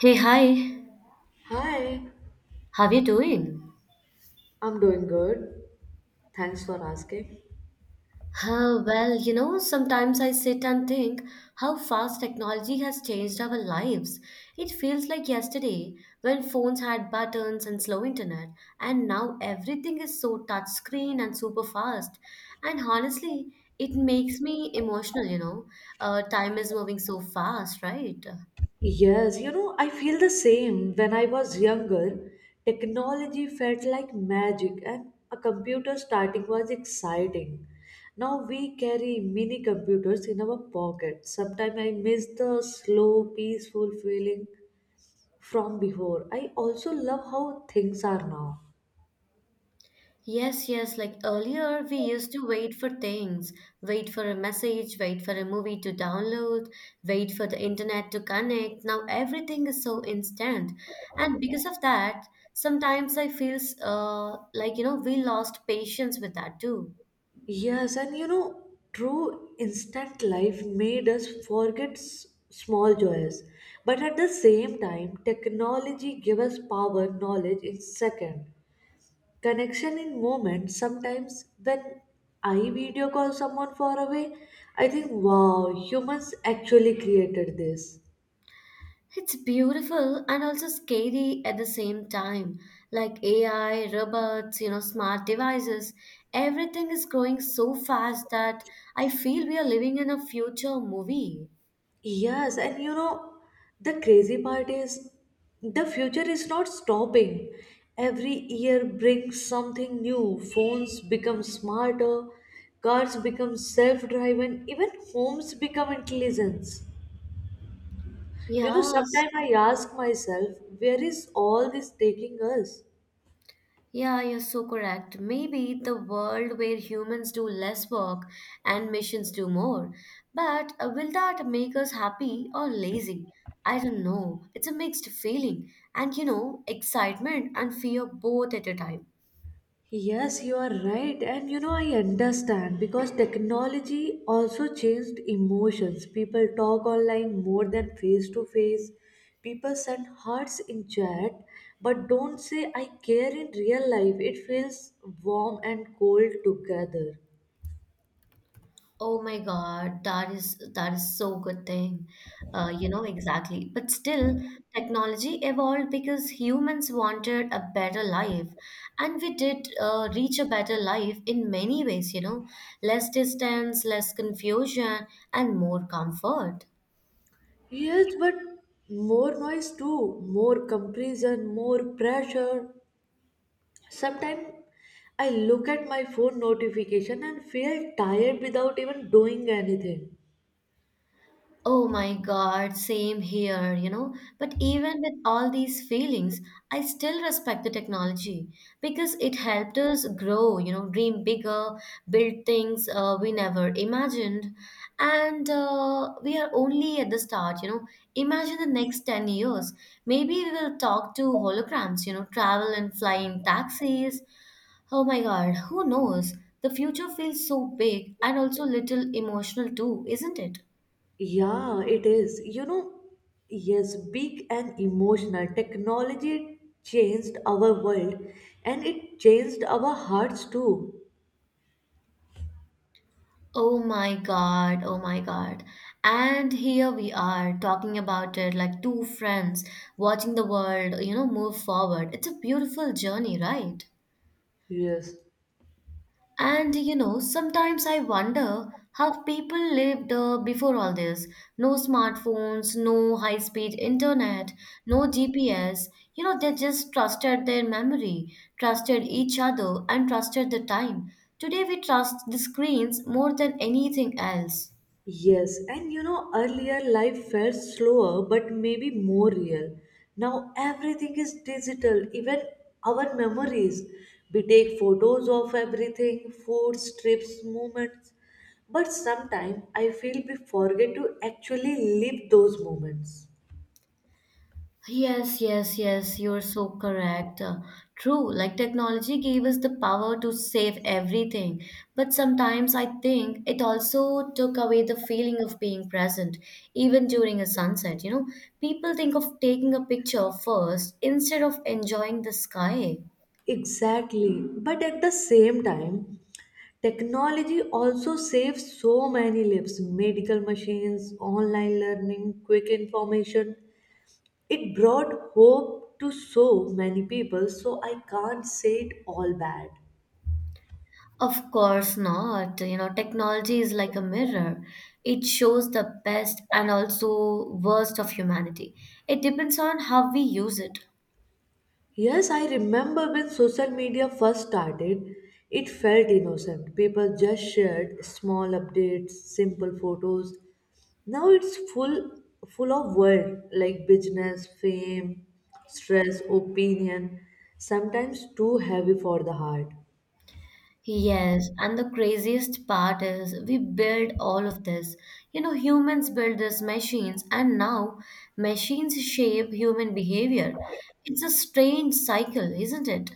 Hey, hi, Hi, how are you doing? I'm doing good. Thanks for asking. Oh well, you know, sometimes I sit and think how fast technology has changed our lives. It feels like yesterday when phones had buttons and slow internet, and now everything is so touch screen and super fast. And honestly, it makes me emotional, you know. Time is moving so fast, right? Yes, you know, I feel the same. When I was younger, technology felt like magic and a computer starting was exciting. Now we carry mini computers in our pocket. Sometimes I miss the slow, peaceful feeling from before. I also love how things are now. Yes, yes. Like earlier, we used to wait for things, wait for a message, wait for a movie to download, wait for the internet to connect. Now everything is so instant. And because of that, sometimes I feel like, you know, we lost patience with that too. Yes, and you know, true instant life made us forget small joys. But at the same time, technology gave us power, knowledge in second, connection in moment. Sometimes when I video call someone far away, I think, wow, humans actually created this. It's beautiful and also scary at the same time. Like AI, robots, you know, smart devices, everything is growing so fast that I feel we are living in a future movie. Yes, and you know, the crazy part is the future is not stopping. Every year brings something new. Phones become smarter, cars become self-driven, even homes become intelligent. You know, Yes, sometimes I ask myself, where is all this taking us? yeah, you're so correct. Maybe the world where humans do less work and missions do more. But will that make us happy or lazy? I don't know. It's a mixed feeling, and you know, excitement and fear both at a time. Yes, you are right. And you know, I understand because technology also changed emotions. People talk online more than face to face. People send hearts in chat, but don't say I care in real life. It feels warm and cold together. Oh my God, that is so good thing. You know exactly. But still, technology evolved because humans wanted a better life, and we did reach a better life in many ways, you know, less distance, less confusion, and more comfort. Yes, but more noise too, more comparison, more pressure. Sometimes I look at my phone notification and feel tired without even doing anything. Oh my God, same here, you know. But even with all these feelings, I still respect the technology because it helped us grow, you know, dream bigger, build things we never imagined. And we are only at the start, you know. Imagine the next 10 years. Maybe we will talk to holograms, you know, travel and fly in taxis. Oh my God, who knows? The future feels so big and also little emotional too, isn't it? Yeah, it is. You know, yes, big and emotional. Technology changed our world and it changed our hearts too. Oh my God, oh my God. And here we are talking about it like two friends watching the world, you know, move forward. It's a beautiful journey, right? Yes. And you know, sometimes I wonder how people lived before all this. No smartphones, no high-speed internet, no GPS. You know, they just trusted their memory, trusted each other, and trusted the time. Today we trust the screens more than anything else. Yes, and you know, earlier life felt slower but maybe more real. Now everything is digital, even our memories. We take photos of everything, foods, trips, moments. But sometimes I feel we forget to actually live those moments. Yes, yes, yes, you're so correct. True, like technology gave us the power to save everything, but sometimes I think it also took away the feeling of being present, even during a sunset. You know, people think of taking a picture first instead of enjoying the sky. Exactly. But at the same time, technology also saves so many lives, medical machines, online learning, quick information. It brought hope to so many people, so I can't say it all bad. Of course not. You know, technology is like a mirror. It shows the best and also worst of humanity. It depends on how we use it. Yes, I remember when social media first started, it felt innocent. People just shared small updates, simple photos. Now it's full of world like business, fame, stress, opinion, sometimes too heavy for the heart. Yes, and the craziest part is we build all of this. You know, humans build these machines, and now machines shape human behavior. It's a strange cycle, isn't it?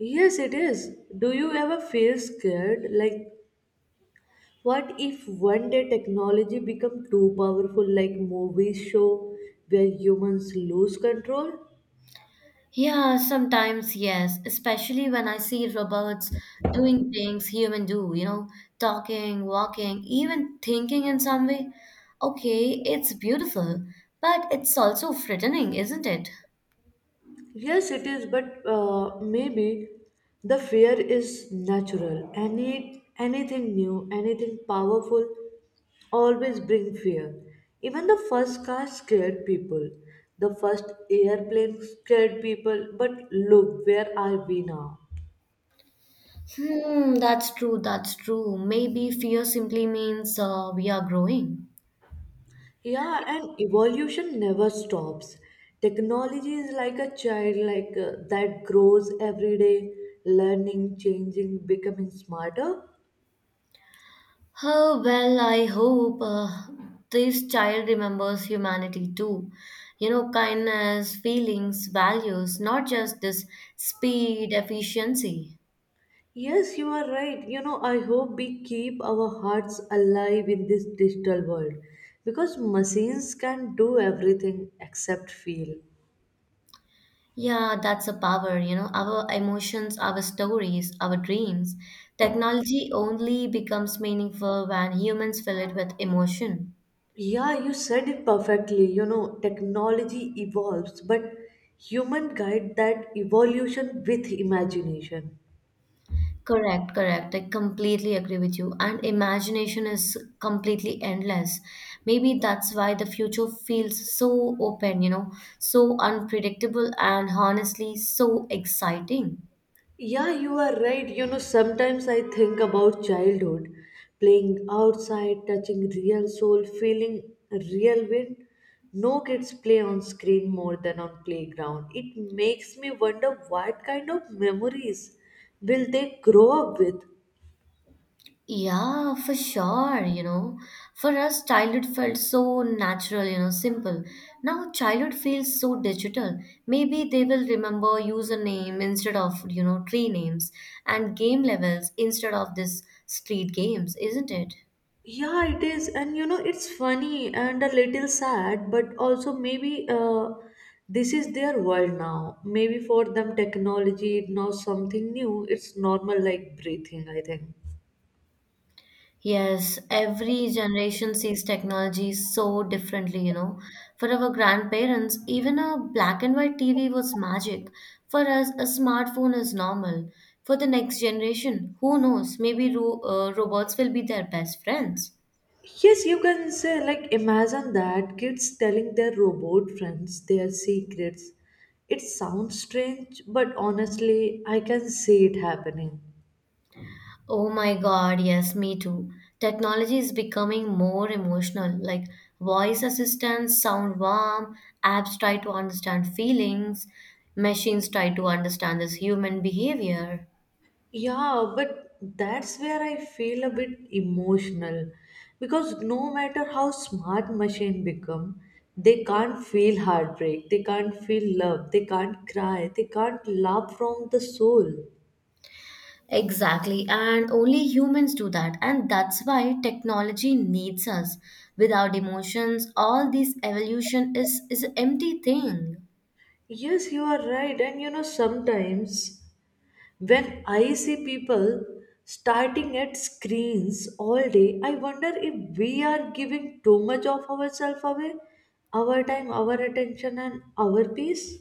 Yes, it is. Do you ever feel scared? Like, what if one day technology become too powerful, like movies show, where humans lose control? Yeah, sometimes, yes, especially when I see robots doing things human do, you know, talking, walking, even thinking in some way. Okay, it's beautiful, but it's also frightening, isn't it? Yes, it is, but maybe the fear is natural. Anything new, anything powerful, always bring fear. Even the first car scared people. The first airplane scared people. But look, where are we now? Hmm, that's true, that's true. Maybe fear simply means we are growing. Yeah, and evolution never stops. Technology is like a child, like that grows every day, learning, changing, becoming smarter. Oh, well, I hope this child remembers humanity too. You know, kindness, feelings, values, not just this speed, efficiency. Yes, you are right. You know, I hope we keep our hearts alive in this digital world because machines can do everything except feel. Yeah, that's a power, you know, our emotions, our stories, our dreams. Technology only becomes meaningful when humans fill it with emotion. Yeah, you said it perfectly. You know, technology evolves, but human guide that evolution with imagination. Correct, correct. I completely agree with you. And imagination is completely endless. Maybe that's why the future feels so open, you know, so unpredictable and honestly so exciting. Yeah, you are right. You know, sometimes I think about childhood, playing outside, touching real soil, feeling real wind. No, kids play on screen more than on playground. It makes me wonder what kind of memories will they grow up with. Yeah, for sure, you know. For us, childhood felt so natural, you know, simple. Now, childhood feels so digital. Maybe they will remember username instead of, you know, tree names and game levels instead of this street games, isn't it? Yeah, it is, and you know, it's funny and a little sad, but also maybe this is their world now. Maybe for them, technology is now something new. It's normal, like breathing, I think. Yes, every generation sees technology so differently, you know. For our grandparents, even a black and white TV was magic. For us, a smartphone is normal. For the next generation, who knows? Maybe robots will be their best friends. Yes, you can say, like, imagine that kids telling their robot friends their secrets. It sounds strange, but honestly, I can see it happening. Oh my God, yes, me too. Technology is becoming more emotional. Like voice assistants sound warm, apps try to understand feelings, machines try to understand this human behavior. Yeah, but that's where I feel a bit emotional because no matter how smart machine become, they can't feel heartbreak, they can't feel love, they can't cry, they can't laugh from the soul. Exactly, and only humans do that, and that's why technology needs us. Without emotions, all this evolution is an empty thing. Yes, you are right. And you know, sometimes when I see people starting at screens all day, I wonder if we are giving too much of ourselves away, our time, our attention, and our peace.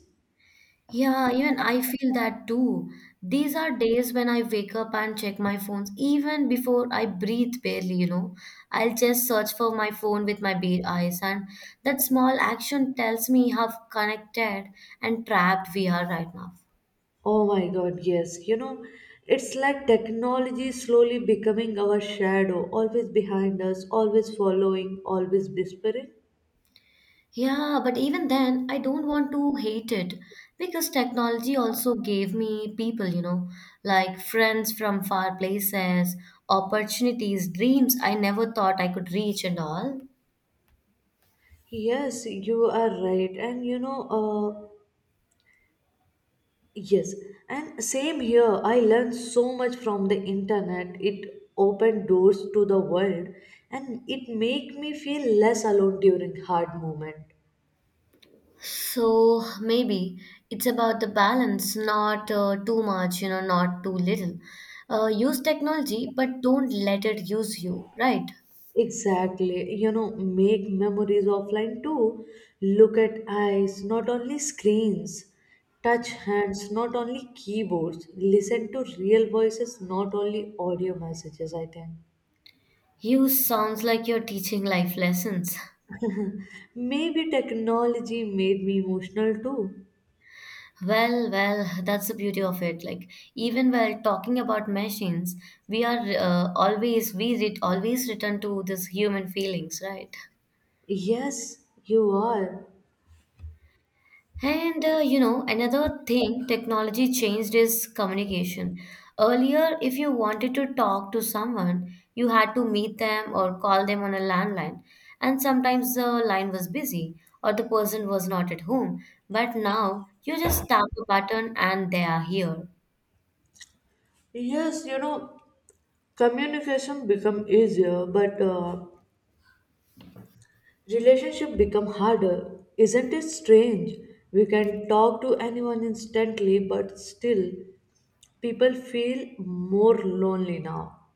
Yeah, even I feel that too. These are days when I wake up and check my phones, even before I breathe barely, you know. I'll just search for my phone with my bare eyes, and that small action tells me how connected and trapped we are right now. Oh my God, yes. You know, it's like technology slowly becoming our shadow, always behind us, always following, always whispering. Yeah, but even then, I don't want to hate it because technology also gave me people, you know, like friends from far places, opportunities, dreams I never thought I could reach and all. Yes, you are right. Yes. And same here, I learned so much from the internet. It opened doors to the world and it made me feel less alone during hard moment. So maybe it's about the balance, not too much, you know, not too little. Use technology, but don't let it use you, right? Exactly. You know, make memories offline too. Look at eyes, not only screens. Touch hands, not only keyboards. Listen to real voices, not only audio messages, I think. Use sounds like you're teaching life lessons. Maybe technology made me emotional too. Well, well, that's the beauty of it. Like even while talking about machines, we are always we re- always return to this human feelings, right? Yes, you are. And you know, another thing technology changed is communication. Earlier, if you wanted to talk to someone, you had to meet them or call them on a landline, and sometimes the line was busy or the person was not at home. But now you just tap a button and they are here. Yes, you know, communication become easier, but relationship become harder. Isn't it strange? We can talk to anyone instantly, but still people feel more lonely now.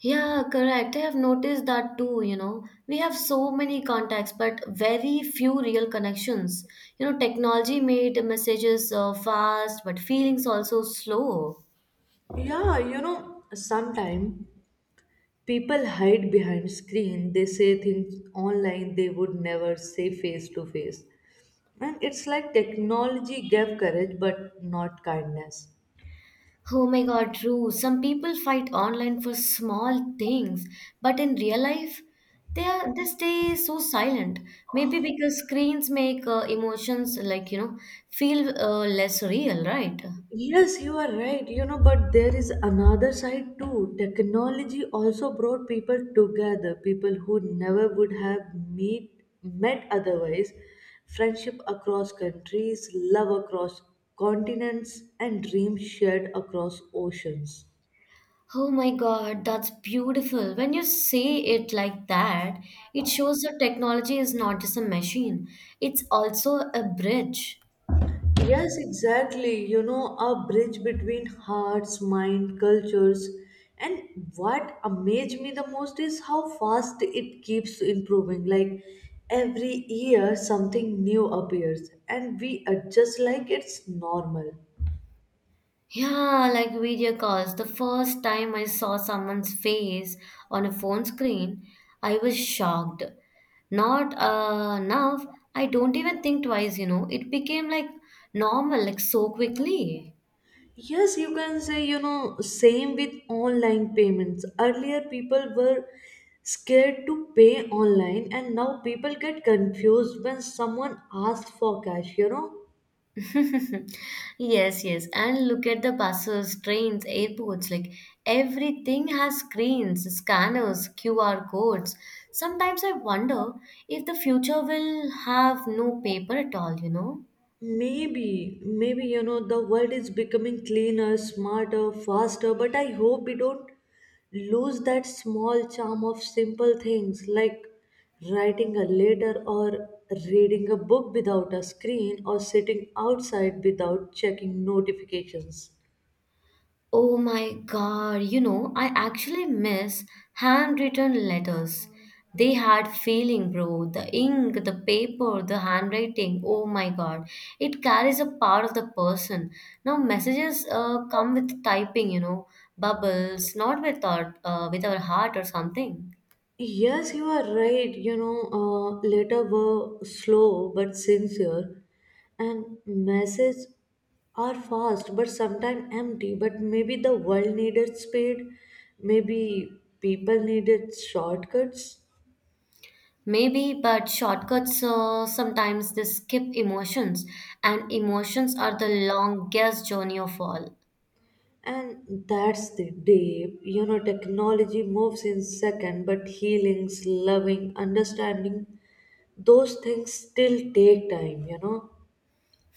Yeah, correct. I have noticed that too, you know. We have so many contacts, but very few real connections. You know, technology made messages fast, but feelings also slow. Yeah, you know, sometimes people hide behind screen. They say things online they would never say face to face. And it's like technology gave courage but not kindness. Oh my God, true. Some people fight online for small things, but in real life, they stay so silent. Maybe because screens make emotions like, you know, feel less real, right? Yes, you are right. You know, but there is another side too. Technology also brought people together, people who never would have met otherwise. Friendship across countries, love across continents, and dreams shared across oceans. Oh my God, that's beautiful. When you say it like that, it shows that technology is not just a machine, it's also a bridge. Yes, exactly. You know, a bridge between hearts, mind, cultures. And what amazed me the most is how fast it keeps improving. Like every year, something new appears, and we adjust like it's normal. Yeah, like video calls. The first time I saw someone's face on a phone screen, I was shocked. Not enough. I don't even think twice, you know. It became like normal, like so quickly. Yes, you can say, you know, same with online payments. Earlier, people were scared to pay online, and now people get confused when someone asks for cash, you know. Yes, yes. And look at the buses, trains, airports, like everything has screens, scanners, QR codes. Sometimes I wonder if the future will have no paper at all, you know? Maybe, you know, the world is becoming cleaner, smarter, faster, but I hope we don't lose that small charm of simple things like writing a letter or reading a book without a screen or sitting outside without checking notifications. Oh my god, you know, I actually miss handwritten letters. They had feeling, bro. The ink, the paper, the handwriting. Oh my god. It carries a part of the person. Now messages come with typing, you know, bubbles, not with our with our heart or something. Yes, you are right. Later were slow but sincere, and messages are fast but sometimes empty. But maybe the world needed speed, maybe people needed shortcuts, Maybe, but shortcuts sometimes they skip emotions, and emotions are the longest journey of all. and that's the day. You know, technology moves in second, but healings, loving, understanding, those things still take time, you know.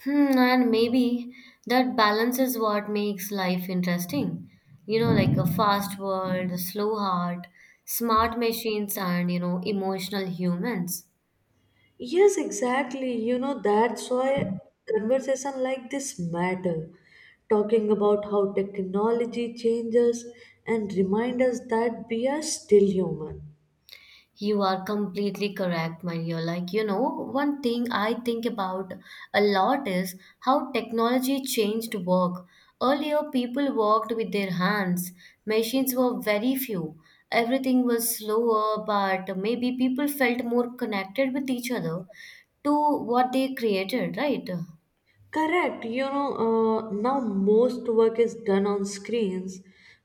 Hmm, and maybe that balance is what makes life interesting. You know, like a fast world, a slow heart, smart machines, and you know, emotional humans. Yes, exactly. You know, that's why conversation like this matter. Talking about how technology changes and remind us that we are still human. You are completely correct, my dear. Like, you know, one thing I think about a lot is how technology changed work. Earlier, people worked with their hands, machines were very few. Everything was slower, but maybe people felt more connected with each other to what they created, right? Correct. Now most work is done on screens,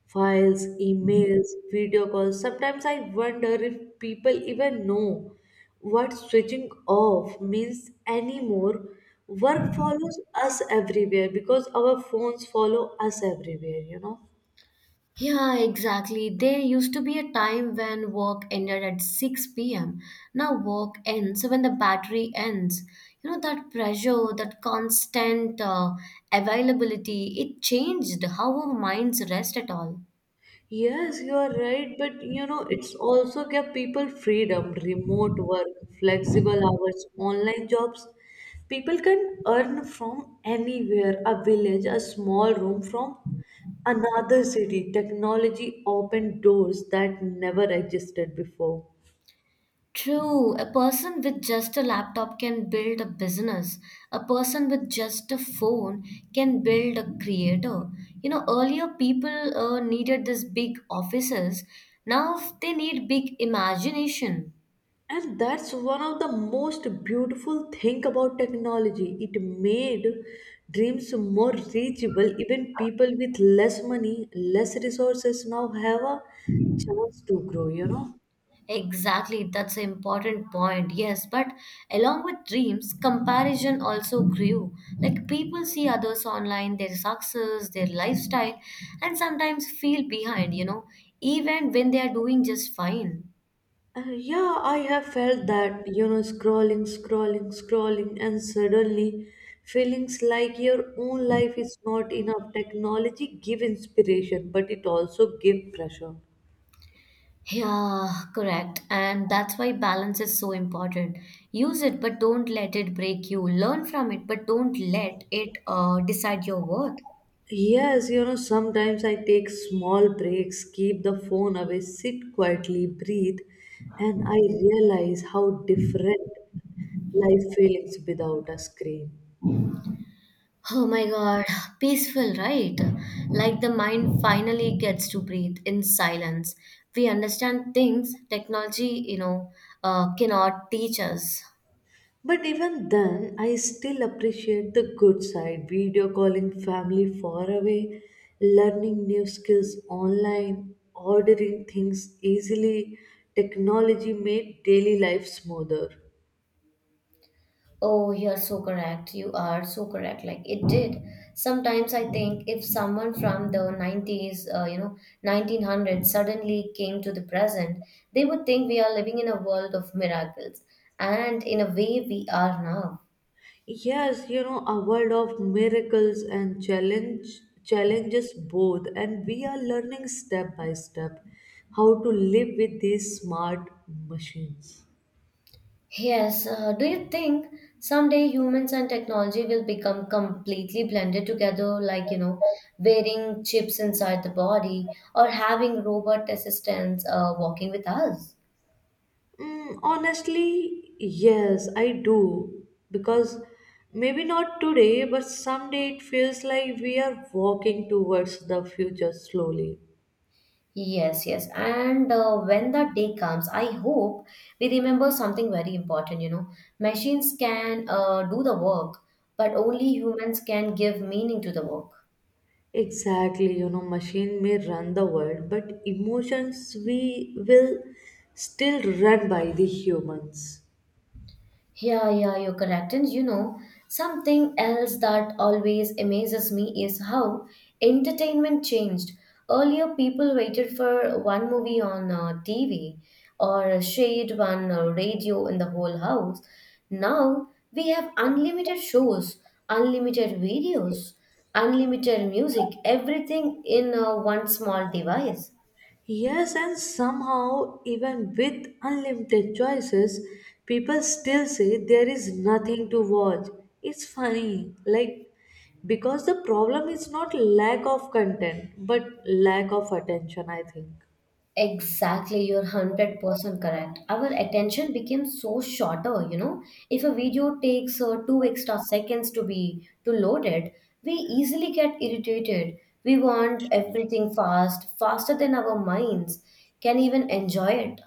files, emails, video calls. Sometimes I wonder if people even know what switching off means anymore. Work follows us everywhere because our phones follow us everywhere, you know. Yeah, exactly. There used to be a time when work ended at 6 p.m. Now work ends when the battery ends. You know, that pressure, that constant availability, it changed how our minds rest at all. Yes, you are right, but you know, it's also give people freedom, remote work, flexible hours, online jobs. People can earn from anywhere, a village, a small room from another city. Technology opened doors that never existed before. True, a person with just a laptop can build a business. A person with just a phone can build a creator. You know, earlier people needed these big offices. Now they need big imagination. And that's one of the most beautiful thing about technology. It made dreams more reachable. Even people with less money, less resources now have a chance to grow, you know. Exactly, that's an important point. Yes, but along with dreams, comparison also grew. Like people see others online, their success, their lifestyle, and sometimes feel behind, you know, even when they are doing just fine. Yeah, I have felt that, you know, scrolling, scrolling, scrolling, and suddenly feelings like your own life is not enough. Technology give inspiration but it also give pressure. Yeah, correct. And that's why balance is so important. Use it, but don't let it break you. Learn from it, but don't let it decide your worth. Yes, you know, sometimes I take small breaks, keep the phone away, sit quietly, breathe, and I realize how different life feels without a screen. Oh my god, peaceful, right? Like the mind finally gets to breathe in silence. We understand things technology, you know, cannot teach us. But even then, I still appreciate the good side, video calling family far away, learning new skills online, ordering things easily. Technology made daily life smoother. Oh, you're so correct. You are so correct. Like it did. Sometimes I think if someone from the 90s, you know, 1900s suddenly came to the present, they would think we are living in a world of miracles. And in a way, we are now. Yes, you know, a world of miracles and challenges both, and we are learning step by step how to live with these smart machines. Yes, do you think someday humans and technology will become completely blended together, like, you know, wearing chips inside the body or having robot assistants walking with us? Mm, honestly, yes, I do because maybe not today, but someday it feels like we are walking towards the future slowly. Yes, yes. And when that day comes, I hope we remember something very important, you know. Machines can do the work, but only humans can give meaning to the work. Exactly, you know, machine may run the world, but emotions we will still run by the humans. Yeah, yeah, you're correct. And you know, something else that always amazes me is how entertainment changed. Earlier, people waited for one movie on TV or shared one radio in the whole house. Now, we have unlimited shows, unlimited videos, unlimited music, everything in one small device. Yes, and somehow, even with unlimited choices, people still say there is nothing to watch. It's funny, like, because the problem is not lack of content, but lack of attention, I think. Exactly, you're 100% correct. Our attention became so shorter, you know. If a video takes two extra seconds to be to load it, we easily get irritated. We want everything fast, faster than our minds can even enjoy it.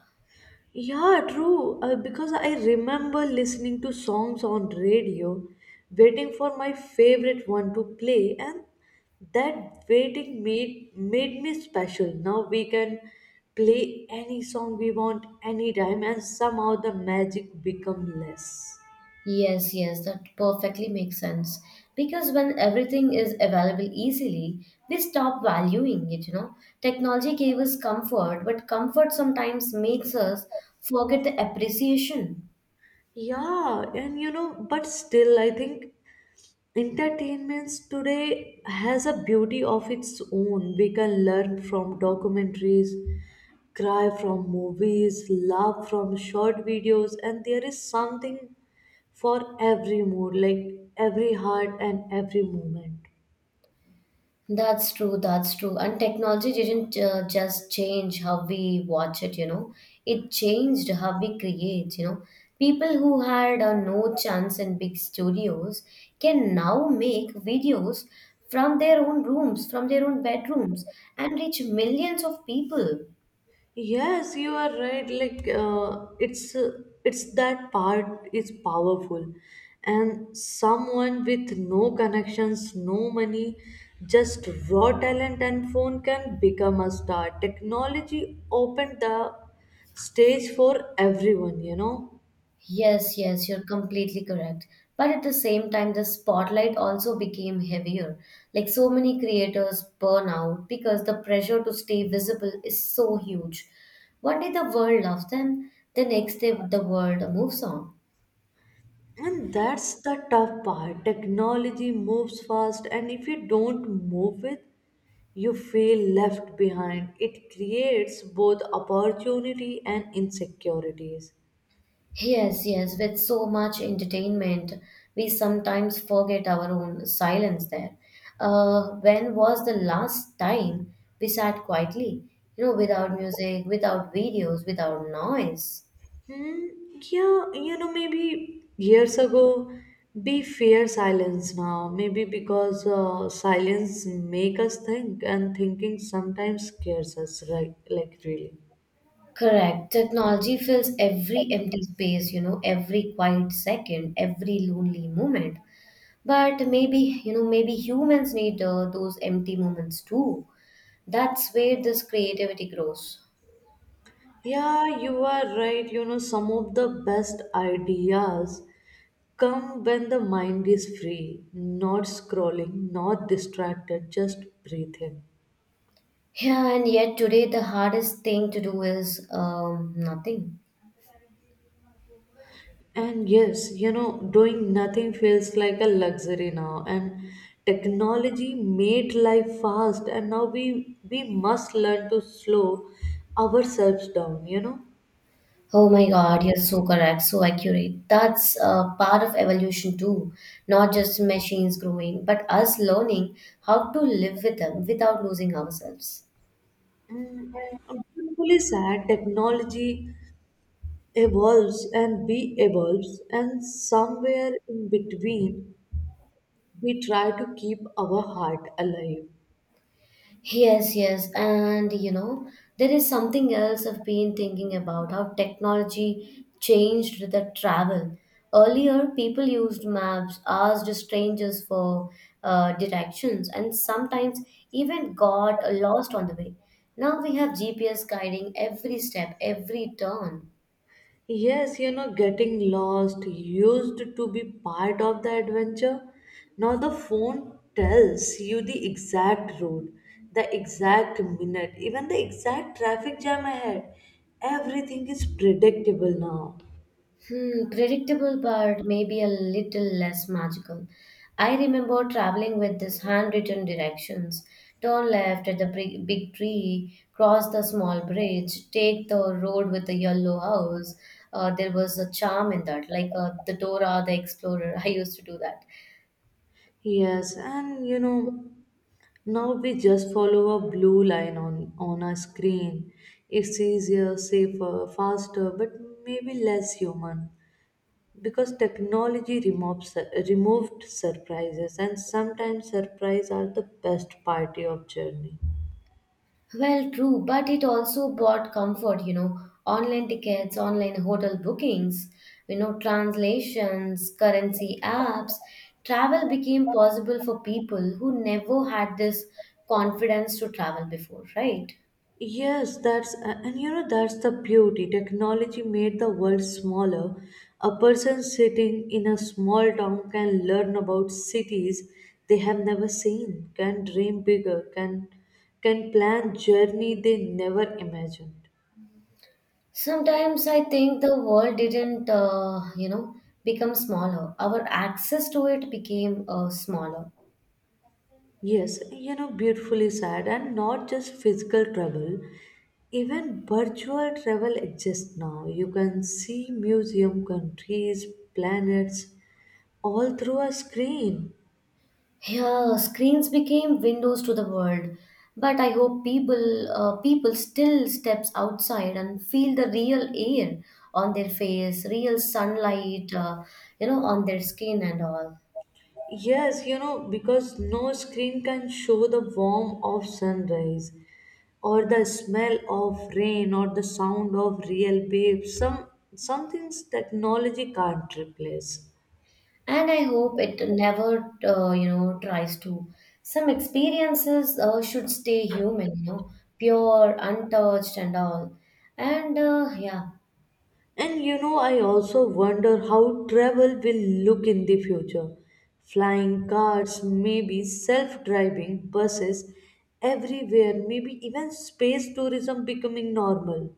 Yeah, true. Because I remember listening to songs on radio, waiting for my favorite one to play, and that waiting made me special. Now we can play any song we want anytime, and somehow the magic become less. Yes, yes, that perfectly makes sense. Because when everything is available easily, we stop valuing it, you know. Technology gave us comfort, but comfort sometimes makes us forget the appreciation. Yeah, and you know, but still, I think entertainments today has a beauty of its own. We can learn from documentaries, cry from movies, laugh from short videos, and there is something for every mood, like every heart and every moment. That's true, that's true. And technology didn't just change how we watch it, you know, it changed how we create, you know. People who had no chance in big studios can now make videos from their own rooms, from their own bedrooms, and reach millions of people. Yes, you are right. It's that part is powerful, and someone with no connections, no money, just raw talent and phone can become a star. Technology opened the stage for everyone, you know. Yes, yes, you're completely correct. But at the same time, the spotlight also became heavier. Like so many creators burn out because the pressure to stay visible is so huge. One day the world loves them, the next day the world moves on. And that's the tough part. Technology moves fast, and if you don't move with, you feel left behind. It creates both opportunity and insecurities. Yes, yes, with so much entertainment, we sometimes forget our own silence there. When was the last time we sat quietly? You know, without music, without videos, without noise. Hmm, yeah, you know, maybe years ago, we fear silence now. Maybe because silence make us think, and thinking sometimes scares us, right? Like, really. Correct. Technology fills every empty space, you know, every quiet second, every lonely moment. But maybe, you know, maybe humans need those empty moments too. That's where this creativity grows. Yeah, you are right. You know, some of the best ideas come when the mind is free, not scrolling, not distracted, just breathing. Yeah, and yet today the hardest thing to do is nothing. And yes, you know, doing nothing feels like a luxury now. And technology made life fast, and now we must learn to slow ourselves down, you know. Oh my God, you're so correct, so accurate. That's part of evolution too. Not just machines growing, but us learning how to live with them without losing ourselves. Mm, I'm really sad. Technology evolves, and we evolves, and somewhere in between, we try to keep our heart alive. Yes, yes. And you know, there is something else I've been thinking about how technology changed with the travel. Earlier, people used maps, asked strangers for directions, and sometimes even got lost on the way. Now we have GPS guiding every step, every turn. Yes, you know, getting lost used to be part of the adventure. Now the phone tells you the exact route, the exact minute, even the exact traffic jam ahead. Everything is predictable now. Hmm, predictable, but maybe a little less magical. I remember traveling with these handwritten directions. Turn left at the big, big tree, cross the small bridge, take the road with the yellow house. There was a charm in that, like the Dora the Explorer. I used to do that. Yes, and you know, now we just follow a blue line on a screen. It's easier, safer, faster, but maybe less human. Because technology removes, removed surprises, and sometimes surprise are the best party of journey. Well, true, but it also brought comfort, you know, online tickets, online hotel bookings, you know, translations, currency apps. Travel became possible for people who never had this confidence to travel before, right? And you know, that's the beauty. Technology made the world smaller. A person sitting in a small town can learn about cities they have never seen, can dream bigger, can plan journey they never imagined. Sometimes I think the world didn't become smaller. Our access to it became smaller. Yes, you know, beautifully said, and not just physical travel. Even virtual travel exists now. You can see museum, countries, planets, all through a screen. Yeah, screens became windows to the world, but I hope people still steps outside and feel the real air on their face, real sunlight, you know, on their skin and all. Yes, you know, because no screen can show the warmth of sunrise, or the smell of rain, or the sound of real waves. Some things technology can't replace. And I hope it never tries to. Some experiences should stay human, you know, pure, untouched, and all. And And you know, I also wonder how travel will look in the future. Flying cars, maybe self driving buses everywhere, maybe even space tourism becoming normal.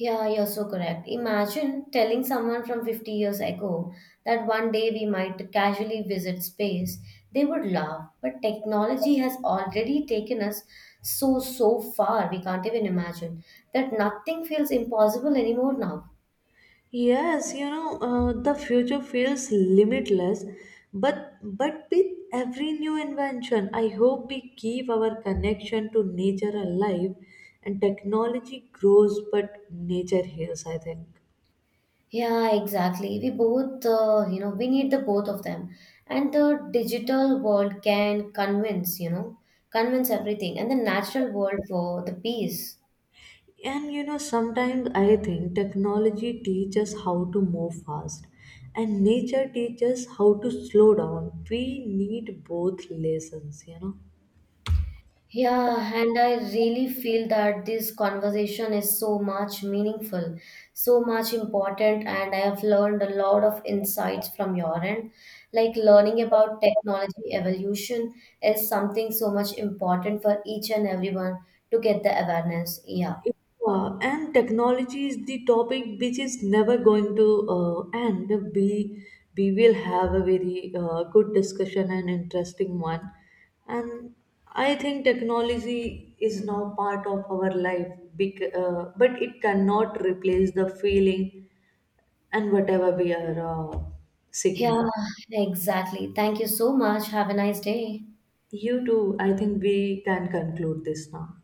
yeah, you're so correct. Imagine telling someone from 50 years ago that one day we might casually visit space. They would laugh, but technology has already taken us so, so far, we can't even imagine that nothing feels impossible anymore now. Yes, you know, the future feels limitless, but with every new invention, I hope we keep our connection to nature alive, and technology grows, but nature heals, I think. Yeah, exactly. We both, we need the both of them. And the digital world can convince, you know, convince everything, and the natural world for the peace. And you know, sometimes I think technology teaches how to move fast, and nature teaches how to slow down. We need both lessons, you know. Yeah, and I really feel that this conversation is so much meaningful, so much important, and I have learned a lot of insights from your end. Like learning about technology evolution is something so much important for each and everyone to get the awareness. Yeah. Yeah, and technology is the topic which is never going to end. We we will have a very good discussion and interesting one. And I think technology is now part of our life, but it cannot replace the feeling and whatever we are seeking Yeah, now. exactly. Thank you so much. Have a nice day. You too, I think we can conclude this now.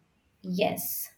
Yes.